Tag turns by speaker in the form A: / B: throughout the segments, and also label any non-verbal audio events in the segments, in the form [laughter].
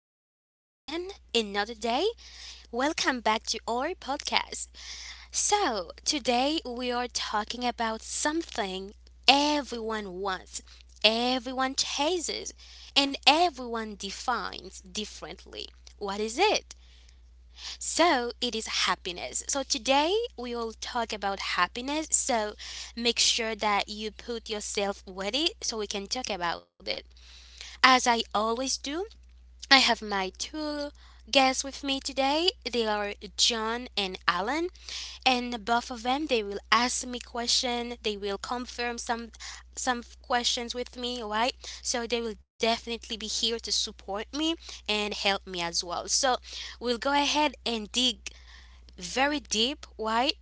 A: today again, another day. Welcome back to our podcast. Today we are talking about something everyone wants, everyone chases, and everyone defines differently. What is it? So, it is happiness. So, today we will talk about happiness. Make sure that you put yourself ready so we can talk about it. As I always do, I have my two guests with me today. They are John and Alan, and both of them they will ask me question. They will confirm some questions with me, right? So they will definitely be here to support me and help me as well. So we'll go ahead and dig very deep, right,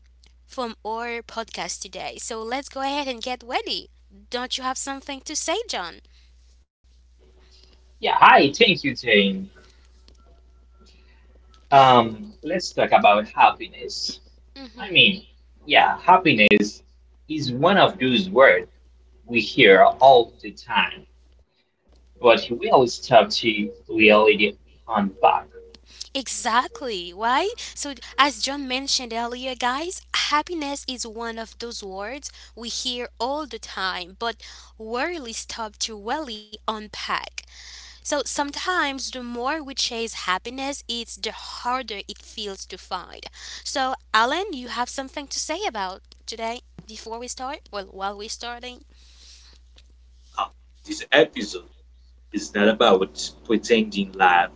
A: from our podcast today. So let's go ahead and get ready. Don't you have something to say, John?
B: Yeah, hi, thank you, Jane. Let's talk about happiness. I
A: Mm-hmm.
B: mean, yeah, happiness is one of those words we hear all the time, but we always have to really unpack.
A: Exactly. Why? So, as John mentioned earlier, guys, happiness is one of those words we hear all the time, but rarely stop to really unpack. So, sometimes the more we chase happiness, it's the harder it feels to find. So, Alan, you have something to say about today before we start? Well, while we're starting?
C: This episode is not about pretending life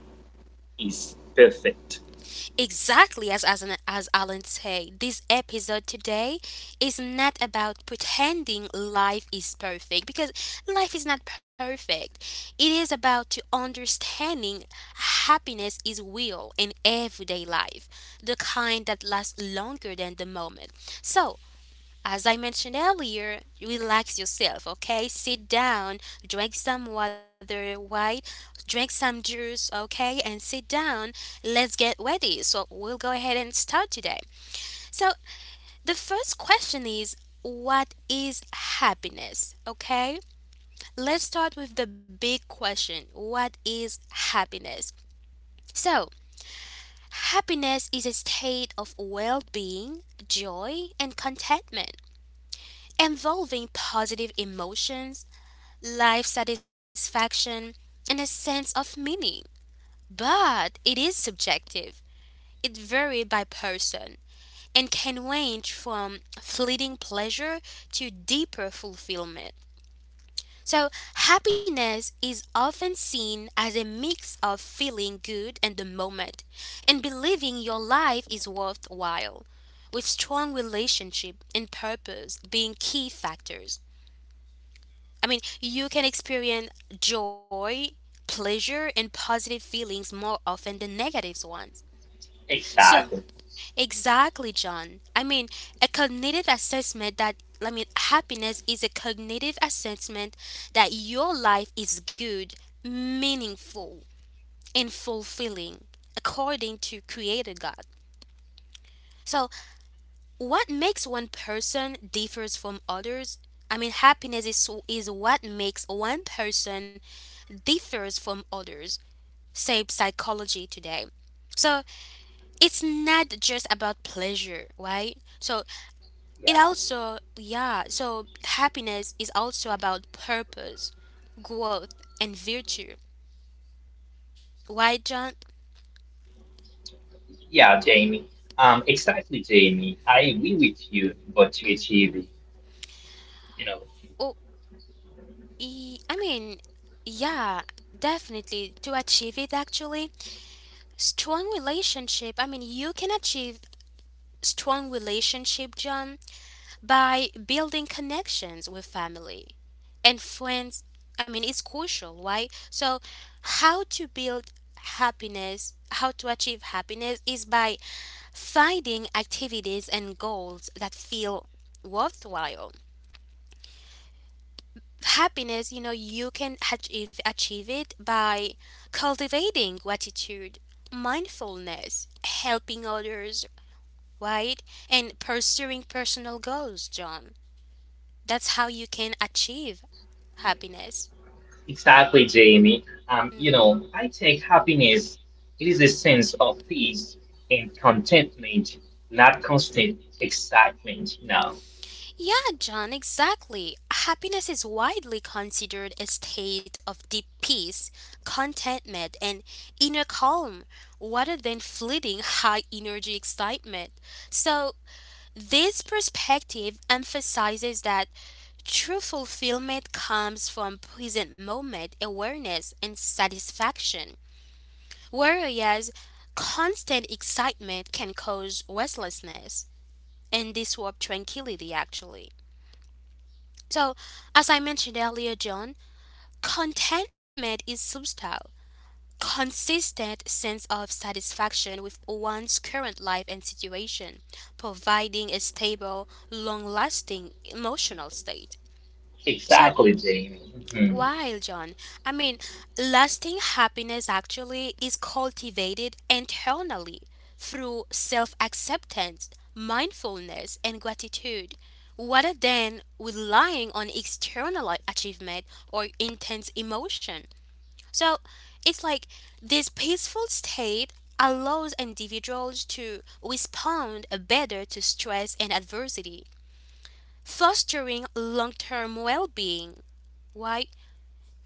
C: is perfect.
A: Exactly, as as Alan said, this episode today is not about pretending life is perfect because life is not perfect. It is about to understanding happiness is real in everyday life, the kind that lasts longer than the moment. So as I mentioned earlier, relax yourself, okay? Sit down, drink some water, right? Drink some juice, okay? And sit down. Let's get ready. So, we'll go ahead and start today. So, the first question is what is happiness? Okay? Let's start with the big question. What is happiness? So, happiness is a state of well being, joy, and contentment involving positive emotions life satisfaction, and a sense of meaning. But it is subjective. It varies by person and can range from fleeting pleasure to deeper fulfillment. So, happiness is often seen as a mix of feeling good in the moment and believing your life is worthwhile, with strong relationship and purpose being key factors. I mean, you can experience joy, pleasure, and positive feelings more often than negative ones. So,
B: Exactly.
A: exactly, John. A cognitive assessment that, I mean, happiness is a cognitive assessment that your life is good, meaningful, and fulfilling according to Creator God. So, what makes one person differs from others? I mean, happiness is what makes one person differs from others. Say psychology today. So it's not just about pleasure, right? So it
B: Yeah,
A: also yeah, so happiness is also about purpose, growth and virtue. Right, John?
B: yeah, Jamie. Exactly, Jamie. I agree with you, but to achieve, you know.
A: Oh, I mean, yeah, definitely to achieve it actually. Strong relationship. I mean, you can achieve strong relationship, John, by building connections with family and friends. I mean, it's crucial, right? So, how to build happiness, how to achieve happiness is by finding activities and goals that feel worthwhile. Happiness, you know, you can achieve it by cultivating gratitude, mindfulness, helping others, right? And pursuing personal goals, John. That's how you can achieve happiness.
B: Exactly, Jamie.
A: Hmm.
B: I take happiness. It is a sense of peace and contentment, not constant excitement. No,
A: Yeah, John, exactly. Happiness is widely considered a state of deep peace, contentment, and inner calm, rather than fleeting high energy excitement. So, this perspective emphasizes that true fulfillment comes from present moment awareness and satisfaction, whereas constant excitement can cause restlessness and this warp tranquility actually. So, as I mentioned earlier, John, contentment is subtle, consistent sense of satisfaction with one's current life and situation, providing a stable, long-lasting emotional state. So,
B: exactly, Jamie. Hmm.
A: while John, I mean, lasting happiness actually is cultivated internally through self acceptance, mindfulness, and gratitude, rather than relying on external achievement or intense emotion. So it's like this peaceful state allows individuals to respond better to stress and adversity, fostering long term well being. Why?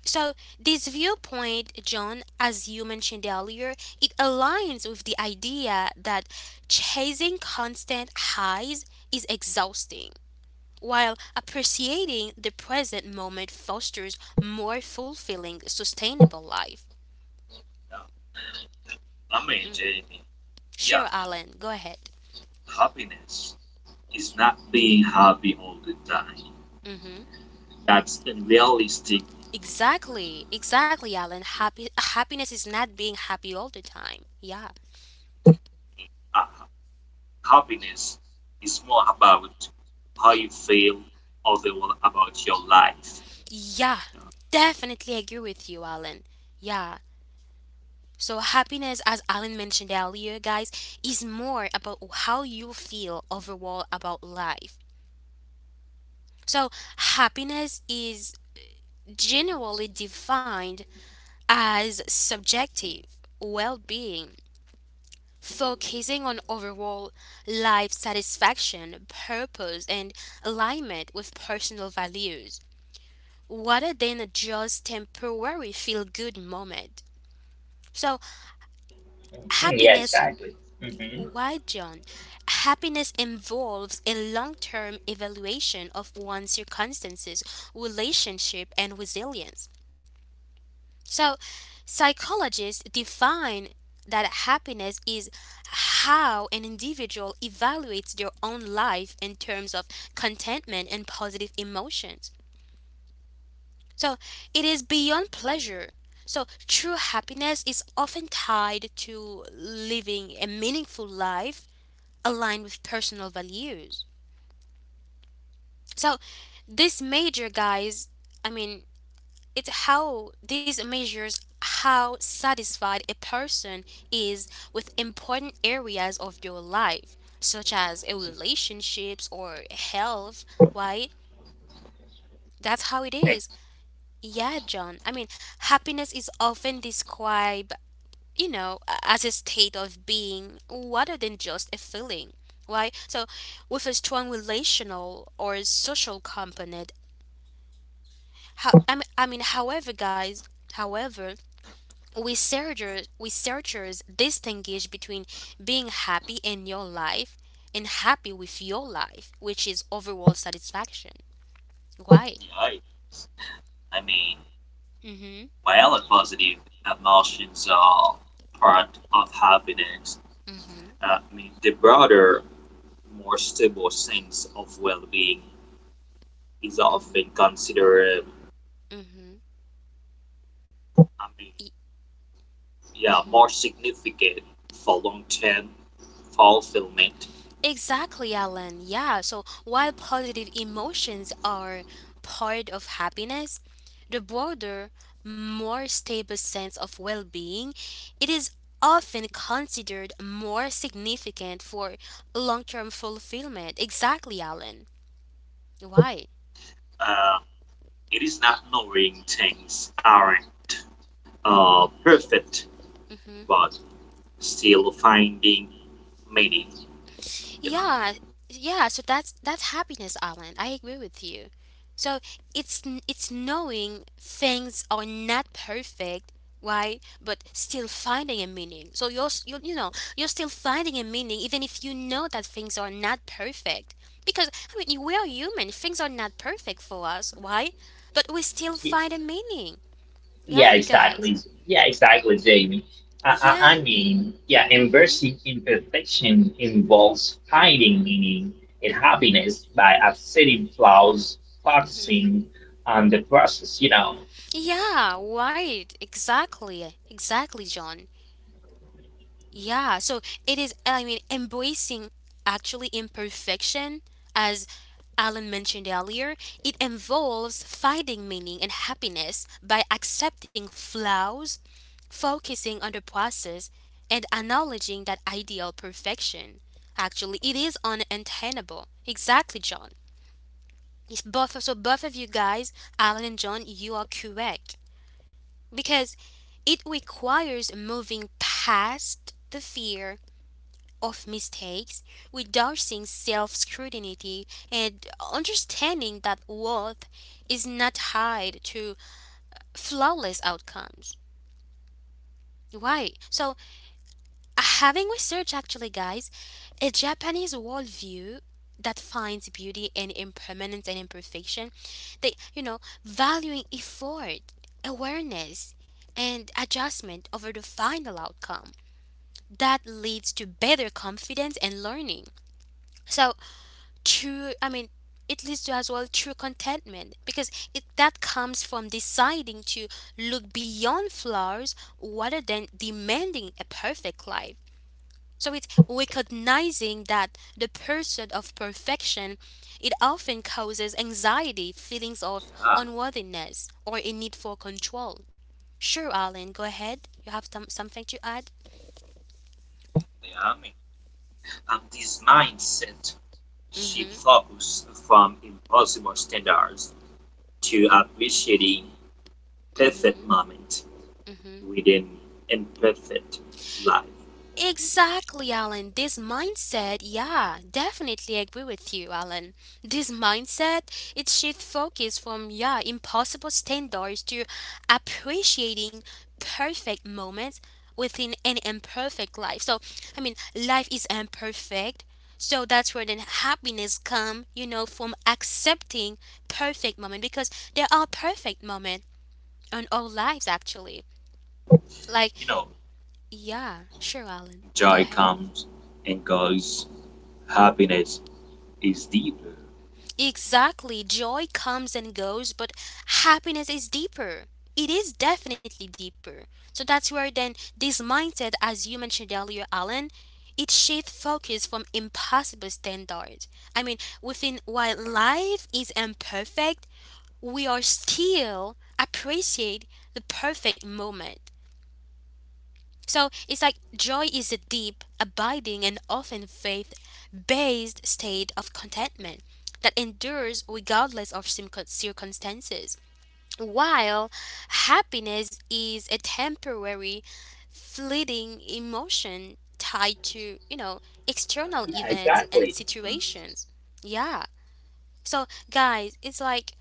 A: So, this viewpoint, John, as you mentioned earlier, it aligns with the idea that chasing constant highs is exhausting, while appreciating the present moment fosters more fulfilling, sustainable life. Hmm.
C: Jamie, yeah,
A: Sure, Alan, go ahead.
C: happiness is not being happy all the time.
A: Hmm.
C: That's unrealistic.
A: Exactly, exactly, Alan. Happy happiness is not being happy all the time. Yeah,
C: Uh, Happiness is more about how you feel overall about your life.
A: yeah, definitely agree with you, Alan. Yeah, so, happiness, as Alan mentioned earlier, guys, is more about how you feel overall about life. So, happiness is generally defined as subjective well being, focusing on overall life satisfaction, purpose, and alignment with personal values, rather than just temporary feel good moment. So,
B: Yeah,
A: happiness.
B: exactly. Hmm.
A: Why, John? Happiness involves a long term evaluation of one's circumstances, relationship, and resilience. So, psychologists define that happiness is how an individual evaluates their own life in terms of contentment and positive emotions. So, it is beyond pleasure. So, true happiness is often tied to living a meaningful life aligned with personal values. So this major guys, I mean, it's how this measures how satisfied a person is with important areas of your life, such as a relationships or health, right? That's how it
C: Yeah,
A: is. Yeah, John. I mean, happiness is often described, you know, as a state of being rather than just a feeling. Why? So, with a strong relational or social component, however, guys, however, researchers distinguish between being happy in your life and happy with your life, which is overall satisfaction. Why?
C: I mean,
A: Mm hmm.
C: while positive emotions are part of happiness,
A: Mm hmm.
C: the broader more stable sense of well-being is
A: Mm hmm.
C: often considered,
A: Mm
C: I mean, yeah, more
A: hmm.
C: significant for long-term fulfillment.
A: Exactly, Alan. Yeah, so while positive emotions are part of happiness, the broader, more stable sense of well being, it is often considered more significant for long term fulfillment. Exactly, Alan. Why?
C: Uh, it is not knowing things aren't perfect, but still finding meaning. You know,
A: Yeah, yeah. So that's happiness, Alan. I agree with you. So it's knowing things are not perfect, right? But still finding a meaning. So you you know you're still finding a meaning even if you know that things are not perfect. Because I mean we are human. Things are not perfect for us, right? But we still find a meaning,
B: Yeah,
A: right, guys?
B: exactly. Yeah, exactly, Jamie. I,
A: Yeah.
B: I, I mean, yeah,
A: Mhm.
B: embracing imperfection involves finding meaning and
A: Mhm.
B: happiness by accepting flaws,
A: Mhm.
B: focusing on the process.
A: Yeah, right. Exactly. Exactly, John. Yeah, so it is, I mean, embracing actually imperfection, as Alan mentioned earlier, it involves finding meaning and happiness by accepting flaws, focusing on the process, and acknowledging that ideal perfection. Actually, it is unattainable. Exactly, John. It's both, so both of you guys, Alan and John, you are correct. Because it requires moving past the fear of mistakes without seeing self scrutiny and understanding that worth is not tied to flawless outcomes. Right. So, having research actually, guys, a Japanese worldview that finds beauty in impermanence and imperfection, they, you know, valuing effort, awareness, and adjustment over the final outcome that leads to better confidence and learning. So, true, it leads to as well true contentment because it that comes from deciding to look beyond flaws rather than demanding a perfect life. So it's recognizing that the pursuit of perfection, it often causes anxiety feelings of
C: uh,
A: unworthiness or a need for control. Sure, Alan, go ahead, you have something to add.
C: yeah, I mean, this mindset shift
A: Mm-hmm.
C: focus from impossible standards to appreciating perfect
A: Mm-hmm.
C: moment within imperfect life.
A: Exactly, Alan. This mindset, yeah, definitely agree with you, Alan. This mindset, it shifts focus from, yeah, impossible standards to appreciating perfect moments within an imperfect life. So, I mean, life is imperfect. So that's where then happiness come, you know, from accepting perfect moment because there are perfect moments in our lives actually. Like,
C: you know,
A: yeah, sure, Alan. Go
C: Joy
A: ahead.
C: comes and goes. Happiness is deeper.
A: Exactly. Joy comes and goes, but happiness is deeper. It is definitely deeper. So that's where then this mindset, as you mentioned earlier, Alan, it shifts focus from impossible standards. I mean, within while life is imperfect, we are still appreciate the perfect moment. So it's like joy is a deep, abiding, and often faith based state of contentment that endures regardless of circumstances, while happiness is a temporary, fleeting emotion tied to, you know, external
B: Yeah,
A: events and
B: exactly. Mhm.
A: situations. Yeah. So, guys, it's like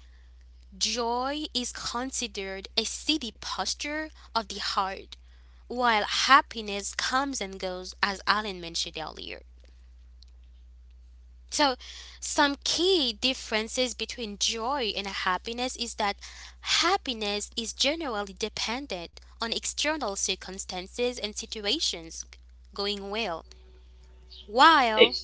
A: joy is considered a steady posture of the heart while happiness comes and goes, as Alan mentioned earlier. So, some key differences between joy and happiness is that happiness is generally dependent on external circumstances and situations going well,
B: Ex
A: while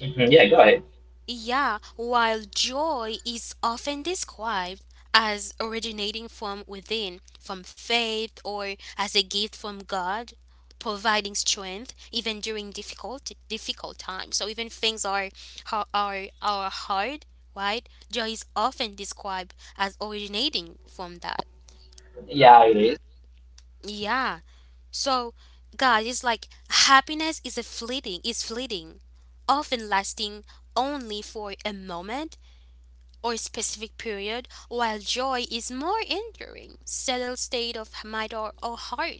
B: Mhm, yeah, go ahead.
A: yeah, while joy is often described as originating from within, from faith, or as a gift from God, providing strength even during difficult times. So even things are are hard, right? Joy is often described as originating from that.
B: Yeah, it is.
A: Yeah. So God is like happiness is a fleeting, often lasting only for a moment or specific period, while joy is more enduring, settled state of mind or heart.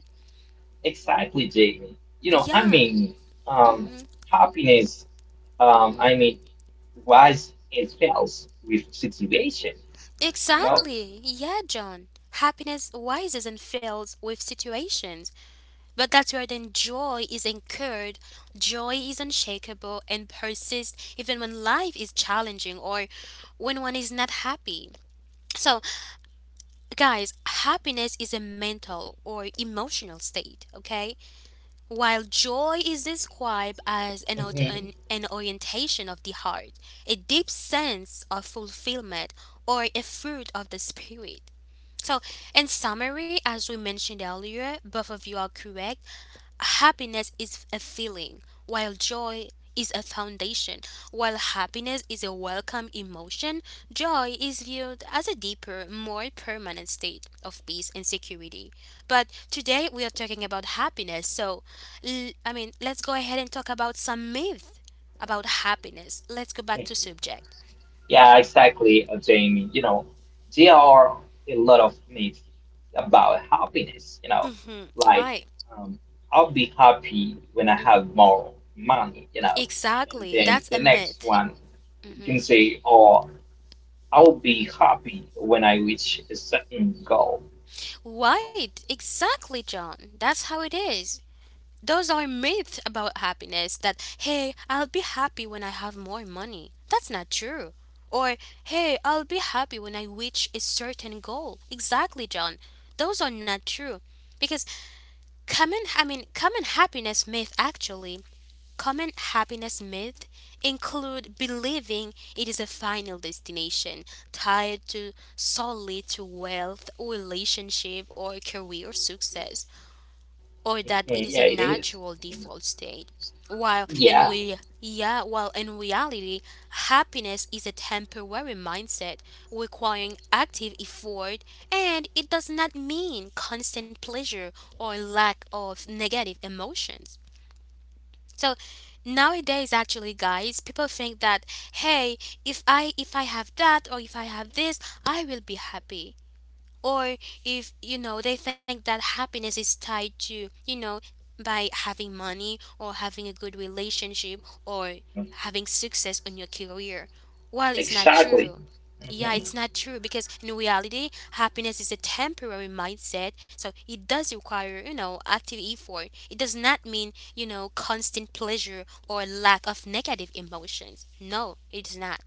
B: Exactly, Jacob. I
A: Yeah.
B: mean,
A: Mm.
B: um,
A: Mhm.
B: happiness,
A: Mm.
B: I
A: Mhm.
B: mean, was it fails with situation, you know?
A: Exactly. Yeah, John. Happiness rises and falls with situations, but that's where then joy is incurred. Joy is unshakable and persists even when life is challenging or when one is not happy. So, guys, happiness is a mental or emotional state, okay? While joy is described as
B: Mhm.
A: an orientation of the heart, a deep sense of fulfillment, or a fruit of the spirit. So, in summary, as we mentioned earlier, both of you are correct, happiness is a feeling, while joy is a foundation. While happiness is a welcome emotion, joy is viewed as a deeper, more permanent state of peace and security. But today we are talking about happiness, so I mean, let's go ahead and talk about some myth about happiness. Let's go back to subject.
B: Yeah, exactly, Jamie. There are a lot of myths about happiness,
A: Mm-hmm.
B: like
A: Why?
B: um, I'll be happy when I
A: Mm,
B: have more money, and
A: exactly.
B: then
A: That's
B: the
A: a
B: next
A: myth.
B: one. You can
A: Mm-hmm.
B: say, "Oh, I'll be happy when I reach a certain goal."
A: Right. Exactly, John. That's how it is. Those are myths about happiness that, hey, I'll be happy when I have more money. That's not true. Or, hey, I'll be happy when I reach a certain goal. Exactly, John. Those are not true. Because common, I mean, common happiness myth actually, common happiness myth include believing it is a final destination tied to solely to wealth, relationship, or career success, or that it
B: Mhm.
A: is a
B: Yeah, it is.
A: natural default state. While in
B: Yeah,
A: we yeah, while in reality, happiness is a temporary mindset requiring active effort, and it does not mean constant pleasure or lack of negative emotions. So nowadays, actually, guys, people think that, hey, if I have that, or if I have this, I will be happy. Or if they think that happiness is tied to, by having money or having a good relationship, or having success on your career. Well, it's not
B: exactly.
A: true. Yeah, it's
B: Mhm.
A: not true, because in reality happiness is a temporary mindset, so it does require, active effort. It does not mean, constant pleasure or lack of negative emotions. No, it does not.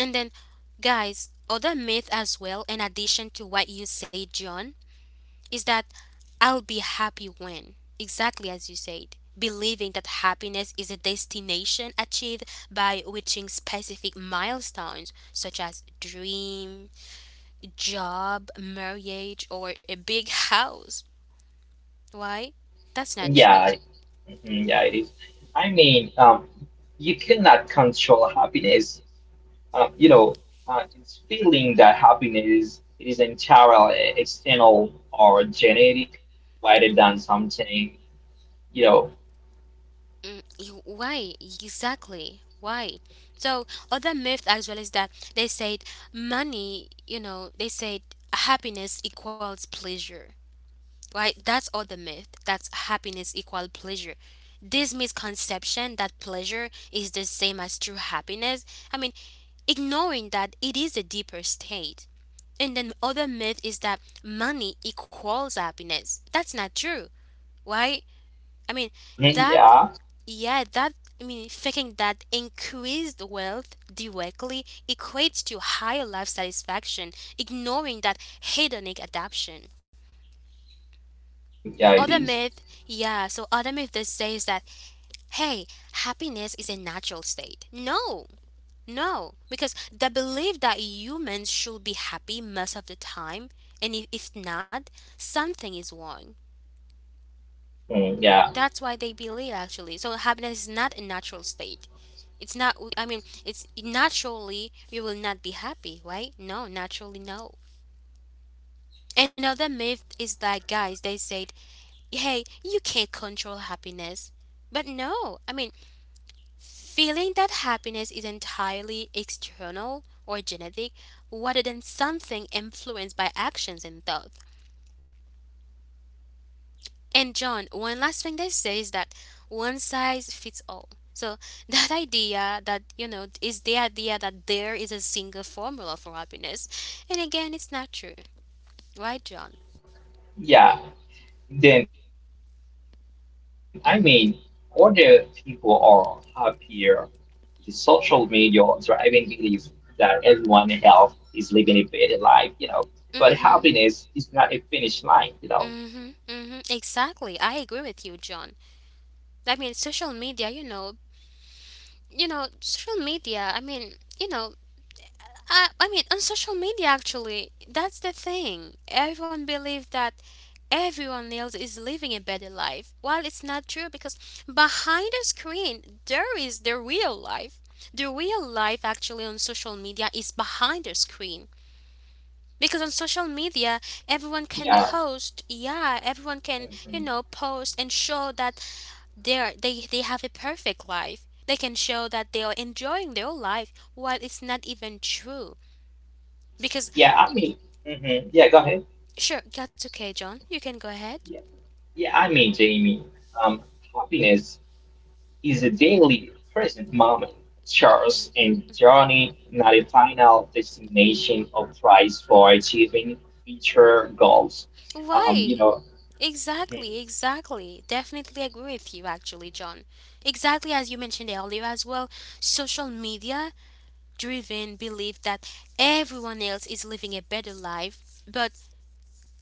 A: And then, guys, other myth as well, in addition to what you said, John, is that I'll be happy when, exactly as you said, believing that happiness is a destination achieved by reaching specific milestones such as dream, job, marriage, or a big house. Why? That's not true.
B: Yeah. Mhm, yeah, it is. I mean, you cannot control happiness. Um, you know, it's feeling that happiness is entirely external or genetic rather than something, you know.
A: Mm, why exactly? Why? So other myth as well is that they said money. They said happiness equals pleasure. Right? That's other myth. That's happiness equal pleasure. This misconception that pleasure is the same as true happiness. I mean, ignoring that it is a deeper state. And then other myth is that money equals happiness. That's not true. Why? I mean,
B: Mhm.
A: that
B: Yeah,
A: yeah, that faking that increased wealth directly equates to higher life satisfaction, ignoring that hedonic adaptation.
B: yeah, it
A: Other
B: is.
A: myth, other myth that says that, hey, happiness is a natural state. No, no, because the belief that humans should be happy most of the time, and if not, something is wrong.
B: Mm, yeah,
A: That's why they believe actually. So happiness is not a natural state. It's naturally you will not be happy, right? No, naturally, no. Another myth is that, guys, they said, hey, you can't control happiness. But no, I mean, feeling that happiness is entirely external or genetic rather than something influenced by actions and thoughts. And John, one last thing they say is that one size fits all. So [laughs] that idea that is the idea that there is a single formula for happiness, and again, it's not true, right, John?
B: yeah. Then, I mean, older
A: Mm
B: people
A: Mhm.
B: are happier. The social media driving belief that everyone else is living a better life. But
A: Mm
B: happiness
A: Mhm.
B: is not a finish line.
A: Mm Mhm. Mm Mhm. Exactly. I agree with you, John. I mean, social media. Social media. I mean, you know. I mean, on social media, actually, that's the thing. Everyone believes that everyone else is living a better life. While it's not true, because behind the screen there is the real life. The real life actually on social media is behind the screen. Because on social media everyone can
B: Yeah.
A: post, yeah, everyone can,
B: Mhm.
A: post and show that they have a perfect life. They can show that they are enjoying their life while it's not even true. Because
B: Yeah, I mean, mhm, yeah, go ahead.
A: Sure, that's okay, John. You can go ahead.
B: Yeah, yeah, I mean, Jamie, um, happiness is a daily present moment. Charles
A: hmm
B: and Johnny, not a final destination or prize for achieving future goals. Um, you
A: Why?
B: know, [laughs] mhm.
A: Exactly, exactly. Definitely agree with you, actually, John. Exactly as you mentioned earlier as well, social media driven belief that everyone else is living a better life, but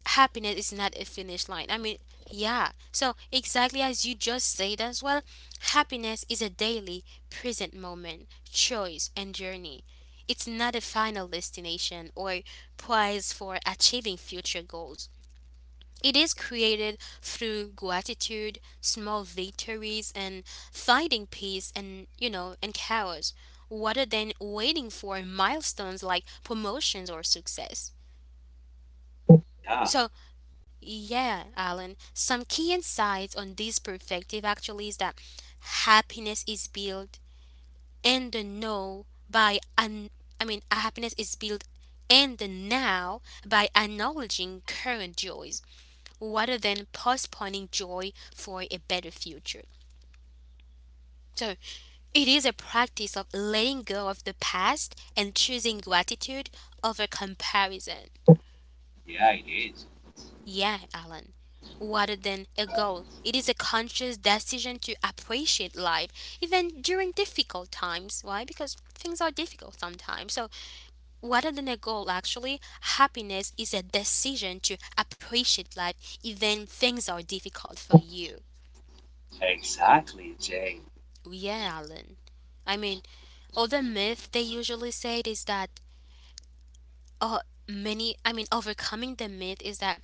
A: happiness is not a finish line. I mean, yeah. So, exactly as you just said as well, happiness is a daily, present moment, choice, and journey. It's not a final destination or prize for achieving future goals. It is created through gratitude, small victories, and finding peace and chaos, rather than waiting for milestones like promotions or success.
C: Yeah,
A: So, yeah, Alan, some key insights on this perspective actually is that happiness is built in the now by an I mean, happiness is built in the now by acknowledging current joys rather than postponing joy for a better future. So, it is a practice of letting go of the past and choosing gratitude over comparison.
C: yeah, it is.
A: Yeah, Alan. Rather than a goal, it is a conscious decision to appreciate life even during difficult times. Why? Because things are difficult sometimes. So, rather than a goal, actually, happiness is a decision to appreciate life even things are difficult for you.
C: Exactly, Jay.
A: Yeah, Alan. I mean, other myth they usually say is that uh many I mean overcoming the myth is that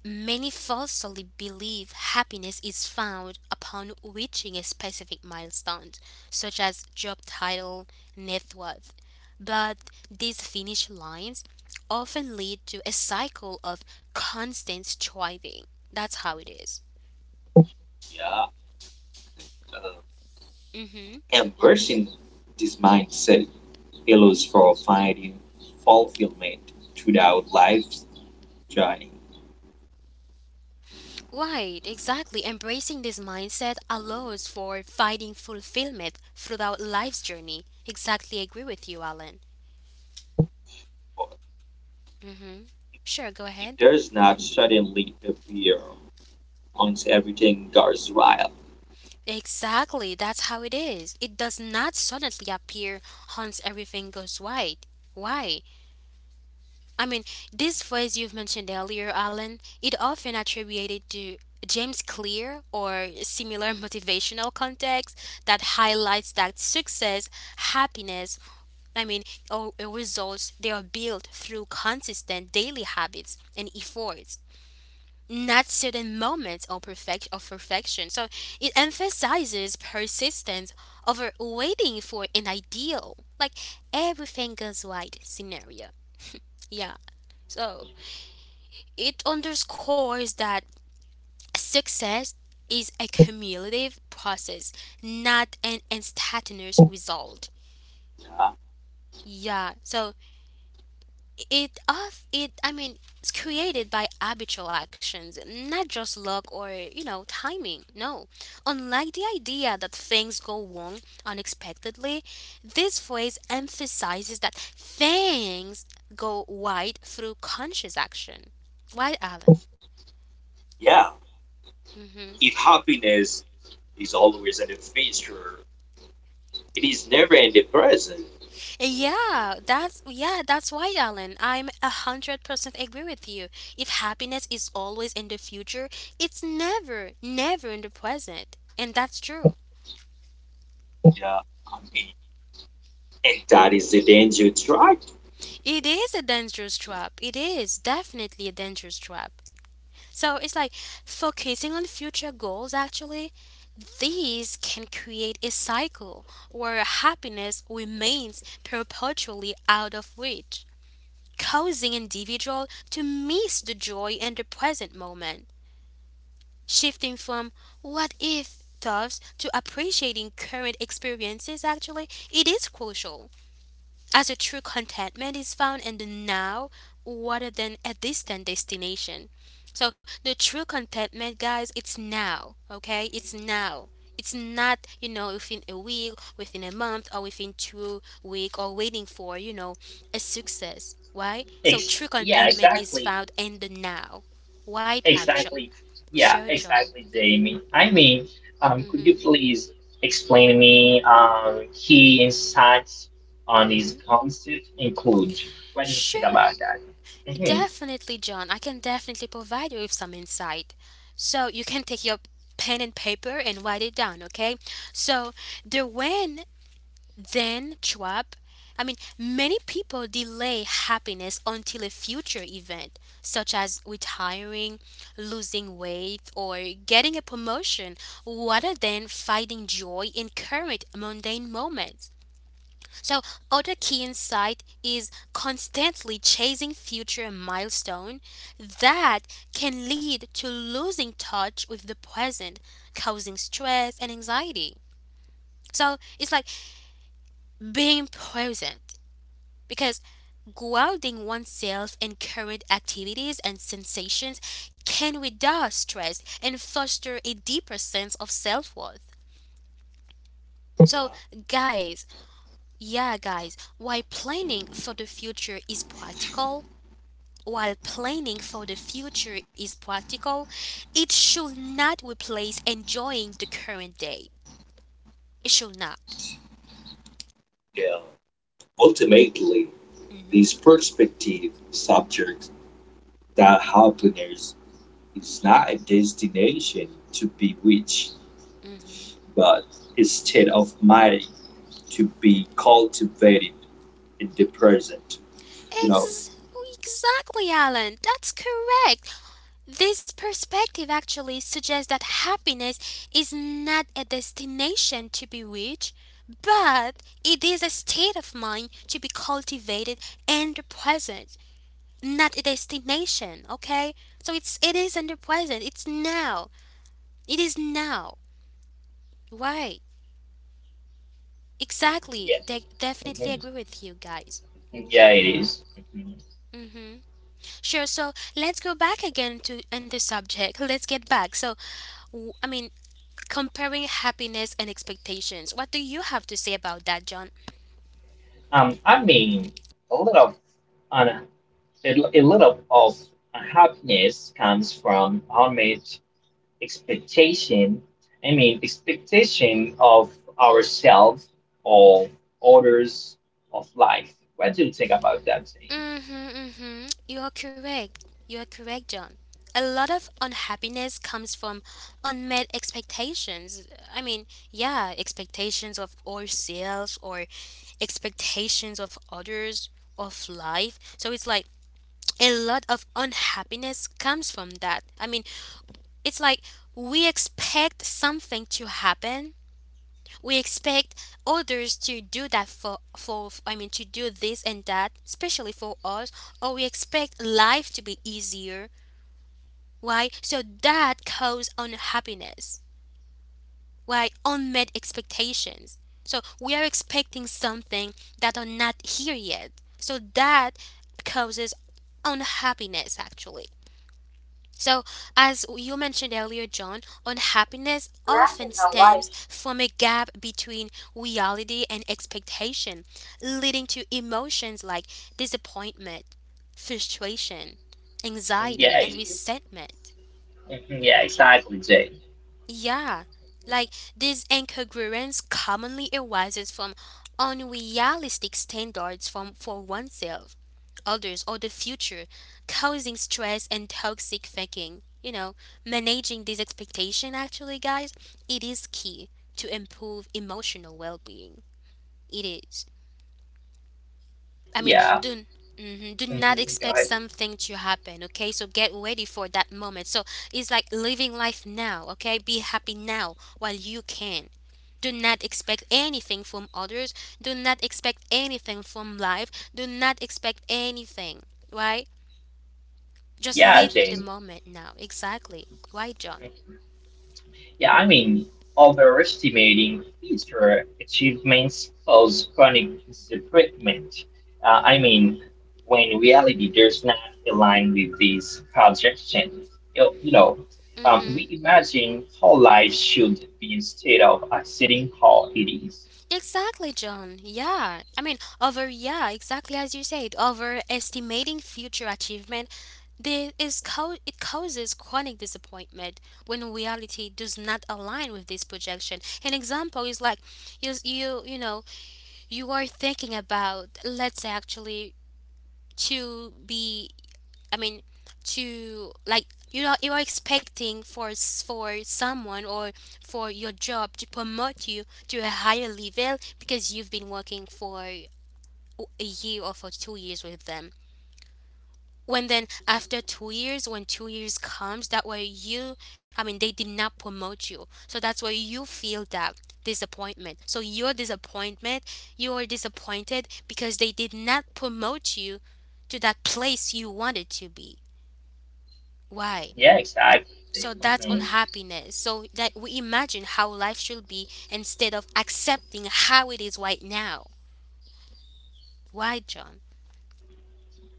A: many falsely believe happiness is found upon reaching a specific milestone, such as job title, net worth. But these finish lines often lead to a cycle of constant striving. That's how it is.
C: Yeah. Uh,
A: Mm-hmm.
C: Embracing this mindset allows for finding fulfillment throughout life's journey.
A: Right, exactly. Embracing this mindset allows for finding fulfillment throughout life's journey. Exactly agree with you, Alan. Mm-hmm. Sure, go
C: It
A: ahead.
C: does not suddenly appear once everything goes right.
A: Exactly, that's how it is. It does not suddenly appear once everything goes white. Why? I mean, this phrase you've mentioned earlier, Alan, it often attributed to James Clear or similar [laughs] motivational context that highlights that success, happiness, I mean, or results they are built through consistent daily habits and efforts, not certain moments of perfection. So it emphasizes persistence over waiting for an ideal, like everything goes right scenario. Yeah. So it underscores that success is a cumulative process, not an instantaneous result. Yeah. So it of it I mean it's created by habitual actions, not just luck or timing. No. Unlike the idea that things go wrong unexpectedly, this phrase emphasizes that things go right through conscious action, right, Alan?
C: Yeah,
A: Hmm,
C: if happiness is always in the future, it is never in the present.
A: yeah, that's why, Alan. I'm 100% agree with you. If happiness is always in the future, it's never, never in the present, and that's true.
C: Yeah, I mean, And that is the danger tried to
A: It is a dangerous trap. It is definitely a dangerous trap. So it's like focusing on future goals actually, these can create a cycle where happiness remains perpetually out of reach, causing individual to miss the joy in the present moment, shifting from what if thoughts to appreciating current experiences, actually it is crucial. As a true contentment is found in the now rather than a distant destination. So the true contentment, guys, it's now. Okay, it's now. It's not, within a week, within a month, or within 2 week, or waiting for, a success. Why? So true
B: Yeah,
A: contentment is
B: exactly,
A: found in the now. Why,
B: exactly, yeah,
A: sure, John?
B: exactly, Jamie. I mean, could you
A: Mm-hmm.
B: please explain me key insights on this
A: Mm-hmm.
B: concept include? What do you think about
A: Sure.
B: that? Hmm.
A: Definitely, John. I can definitely provide you with some insight. So you can take your pen and paper and write it down, okay? So the when then trap. I mean, many people delay happiness until a future event, such as retiring, losing weight, or getting a promotion, rather than finding joy in current mundane moments. So, other key insight is constantly chasing future milestone that can lead to losing touch with the present, causing stress and anxiety. So, it's like being present, because grounding oneself in current activities and sensations can reduce stress and foster a deeper sense of self-worth. So, guys, yeah, guys, why planning for the future is practical, while planning for the future is practical, it should not replace enjoying the current day. It should not.
C: kill. Ultimately, this
A: hmm
C: perspective subject that happiness is not a destination to be reached,
A: hmm
C: but a state of mind to be cultivated in the present. You know?
A: Ex- exactly, Alan. That's correct. This perspective actually suggests that happiness is not a destination to be reached, but it is a state of mind to be cultivated in the present, not a destination. Okay, so it is in the present. It's now. It is now. Right. Exactly.
B: Yeah,
A: Definitely
B: mhm,
A: agree with you guys.
B: yeah, it is. Mm-hmm.
A: Mm-hmm. Sure. So let's go back again to and the subject. Let's get back. So, I mean, comparing happiness and expectations. What do you have to say about that, John?
B: I mean, a little, on a, a little of happiness comes from how much expectation. I mean, expectation of ourselves or others of life. What do you think about that, Jane?
A: Mm-hmm. You are correct. You are correct, John. A lot of unhappiness comes from unmet expectations. I mean, yeah, expectations of ourselves or expectations of others, of life. So it's like a lot of unhappiness comes from that. I mean, it's like we expect something to happen. We expect others to do that for I mean to do this and that, especially for us, or we expect life to be easier. Why? So that causes unhappiness. Why? Unmet expectations. So we are expecting something that are not here yet, so that causes unhappiness actually. So, as you mentioned earlier, John, unhappiness often stems from a gap between reality and expectation, leading to emotions like disappointment, frustration, anxiety,
B: Yeah,
A: and
B: it-
A: resentment.
B: Mhm, yeah, exactly, Jane.
A: Yeah, like this incongruence commonly arises from unrealistic standards for oneself, others, or the future, causing stress and toxic thinking. Managing this expectation actually, guys, it is key to improve emotional well being. It is. I mean,
B: Yeah.
A: do not
B: Mhm. Go
A: expect
B: ahead.
A: something to happen, okay? So get ready for that moment. So it's like living life now, okay? Be happy now while you can. Do not expect anything from others. Do not expect anything from life. Do not expect anything. Why? Just
B: Yeah,
A: live it the
B: Jane.
A: moment now. Exactly. Why, John?
B: Yeah, I mean, overestimating future achievements causes chronic disappointment. I mean, when reality does not align with these projections, you you know,
A: Mm-hmm.
B: we imagine how life should be instead of accepting how it is.
A: Exactly, John. Yeah. I mean, yeah, exactly as you said, overestimating future achievement. It causes chronic disappointment when reality does not align with this projection. An example is like you know you are thinking about, let's say actually to be, I mean, to like, you are expecting for for someone or for your job to promote you to a higher level because you've been working for a year or for 2 years with them. When then after 2 years, when 2 years comes, I mean, they did not promote you, so that's where you feel that disappointment. So your disappointment, you are disappointed because they did not promote you to that place you wanted to be. Why?
B: Yeah, exactly.
A: So that's
B: Mhm.
A: unhappiness. So that we imagine how life should be instead of accepting how it is right now. Why, John?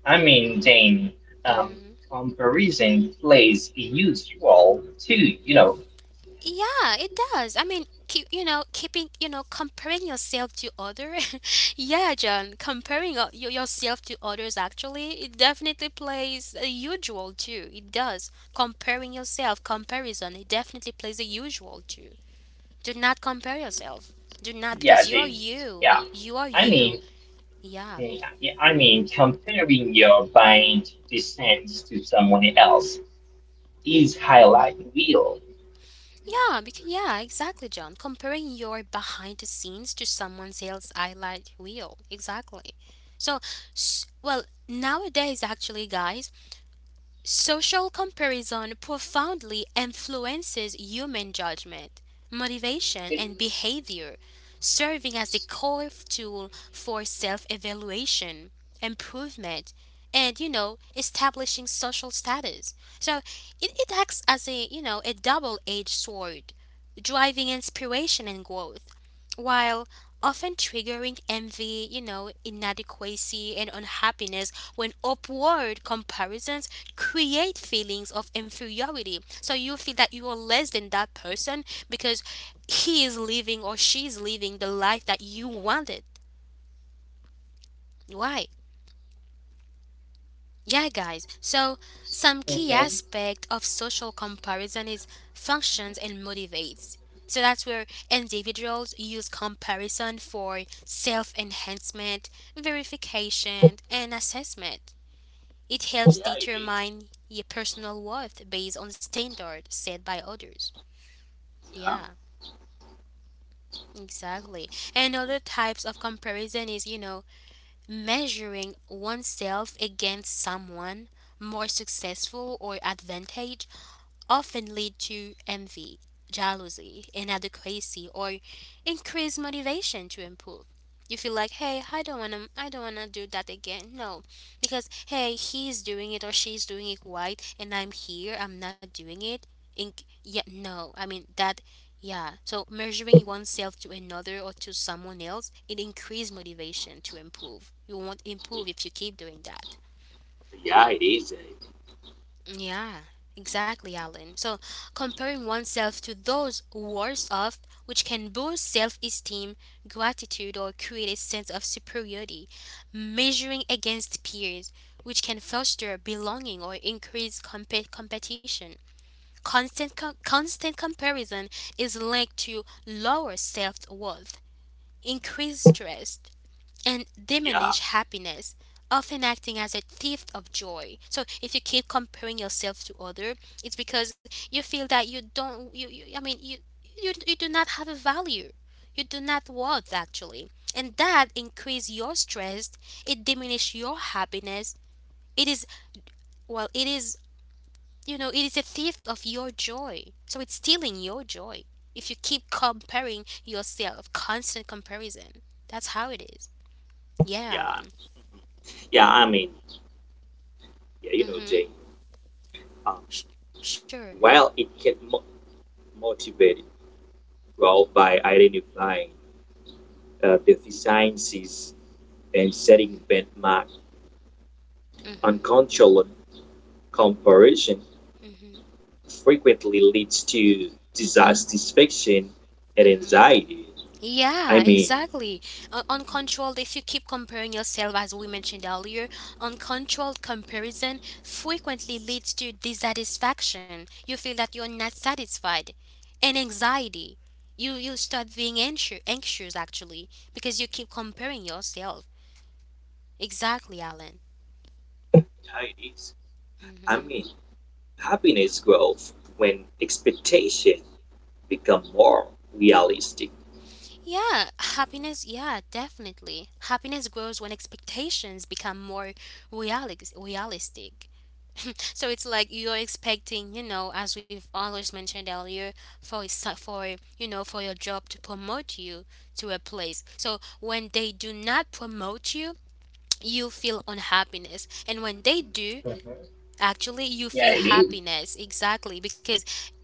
B: I mean, then um,
A: Hmm.
B: comparison plays a huge role too.
A: Yeah, it does. I mean, keep, you know, keeping, you know, comparing yourself to other. [laughs] Yeah, John, comparing yourself to others actually, it definitely plays a usual too. It does. Comparing yourself, comparison, it definitely plays a usual too. Do not compare yourself. Do not,
B: Yeah,
A: because you are
B: they,
A: you.
B: yeah.
A: You are
B: I
A: you.
B: mean.
A: Yeah.
B: Yeah, yeah, I mean, comparing your bind descent to someone else is highlight real.
A: Yeah, because yeah, exactly, John. Comparing your behind the scenes to someone's sales highlight reel, exactly. So, well, nowadays, actually, guys, social comparison profoundly influences human judgment, motivation, and behavior, serving as a core tool for self evaluation, improvement, and, you know, establishing social status. So it acts as a, you know, a double edged sword, driving inspiration and growth, while often triggering envy, you know, inadequacy, and unhappiness when upward comparisons create feelings of inferiority. So you feel that you are less than that person because he is living or she is living the life that you wanted. Why? Yeah, guys. So some key
B: Mhm.
A: aspect of social comparison is functions and motivates. So that's where individuals use comparison for self-enhancement, verification, and assessment. It
C: Yeah,
A: helps
C: it is.
A: determine your personal worth based on standards set by others. Yeah, exactly. And other types of comparison is, you know, measuring oneself against someone more successful or advantageous often lead to envy, jealousy, inadequacy, or increased motivation to improve. You feel like, hey, I don't wanna do that again. No, because hey, he's doing it or she's doing it right, and I'm here, I'm not doing it. In Yeah, no, I mean that, yeah. So measuring oneself to another or to someone else, it increases motivation to improve. You won't improve if you keep doing that.
C: Yeah, it is.
A: Yeah, exactly, Alan. So, comparing oneself to those worse off, which can boost self esteem, gratitude, or create a sense of superiority. Measuring against peers, which can foster belonging or increase competition. Constant comparison is linked to lower self worth, increased stress, and
C: Yeah,
A: diminish happiness, often acting as a thief of joy. So if you keep comparing yourself to other, it's because you feel that you don't you, you I mean, you do not have a value. You do not worth actually. And that increase your stress, it diminish your happiness. It is, well, it is, you know, it is a thief of your joy. So it's stealing your joy. If you keep comparing yourself, constant comparison. That's how it is. Yeah,
C: yeah,
A: Alan.
C: yeah. I mean,
A: Mm-hmm.
C: Jane. Um,
A: Sh- sure.
C: while it can motivate growth by identifying deficiencies and setting benchmark
A: Mhm.
C: uncontrolled comparison
A: Mhm.
C: frequently leads to dissatisfaction and
A: Mhm.
C: anxiety.
A: Yeah,
C: I mean,
A: exactly. Uncontrolled. If you keep comparing yourself, as we mentioned earlier, uncontrolled comparison frequently leads to dissatisfaction. You feel that you're not satisfied, and anxiety. You start being anxious, anxious actually, because you keep comparing yourself. Exactly, Alan.
C: Anxieties. I
A: Mm-hmm.
C: mean, Happiness grows when expectations become more realistic.
A: Yeah, happiness, yeah, definitely. Happiness grows when expectations become more realistic. [laughs] So it's like you're expecting, you know, as we've always mentioned earlier, for a sa- for you know, for your job to promote you to a place. So when they do not promote you, you feel unhappiness. And when they do, actually you feel
B: Yeah, it is.
A: happiness. Exactly, because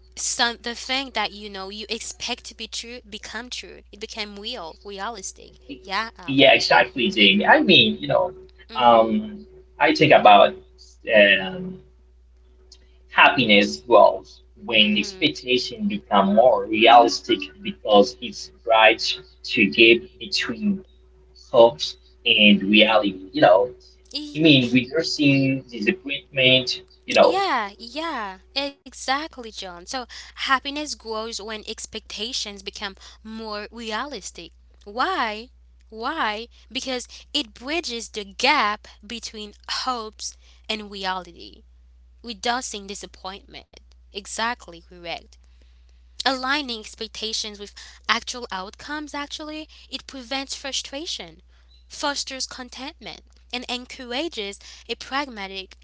A: some the thing that you know you expect to be true become true. It became realistic.
B: It is.
A: Yeah,
B: Yeah,
A: Alan.
B: exactly, Jamie. I mean,
A: Mhm.
B: um, I think about um, happiness grows when
A: Mhm.
B: expectation become more realistic
A: Mm.
B: because it's bridge to gap between hopes and
A: Mhm.
B: reality. I
A: E-
B: mean, reducing disappointment. You know,
A: Yeah, yeah, exactly, John. So happiness grows when expectations become more realistic. Why? Why? Because it bridges the gap between hopes and reality, reducing disappointment. Exactly correct. Aligning expectations with actual outcomes actually, it prevents frustration, fosters contentment, and encourages a pragmatic,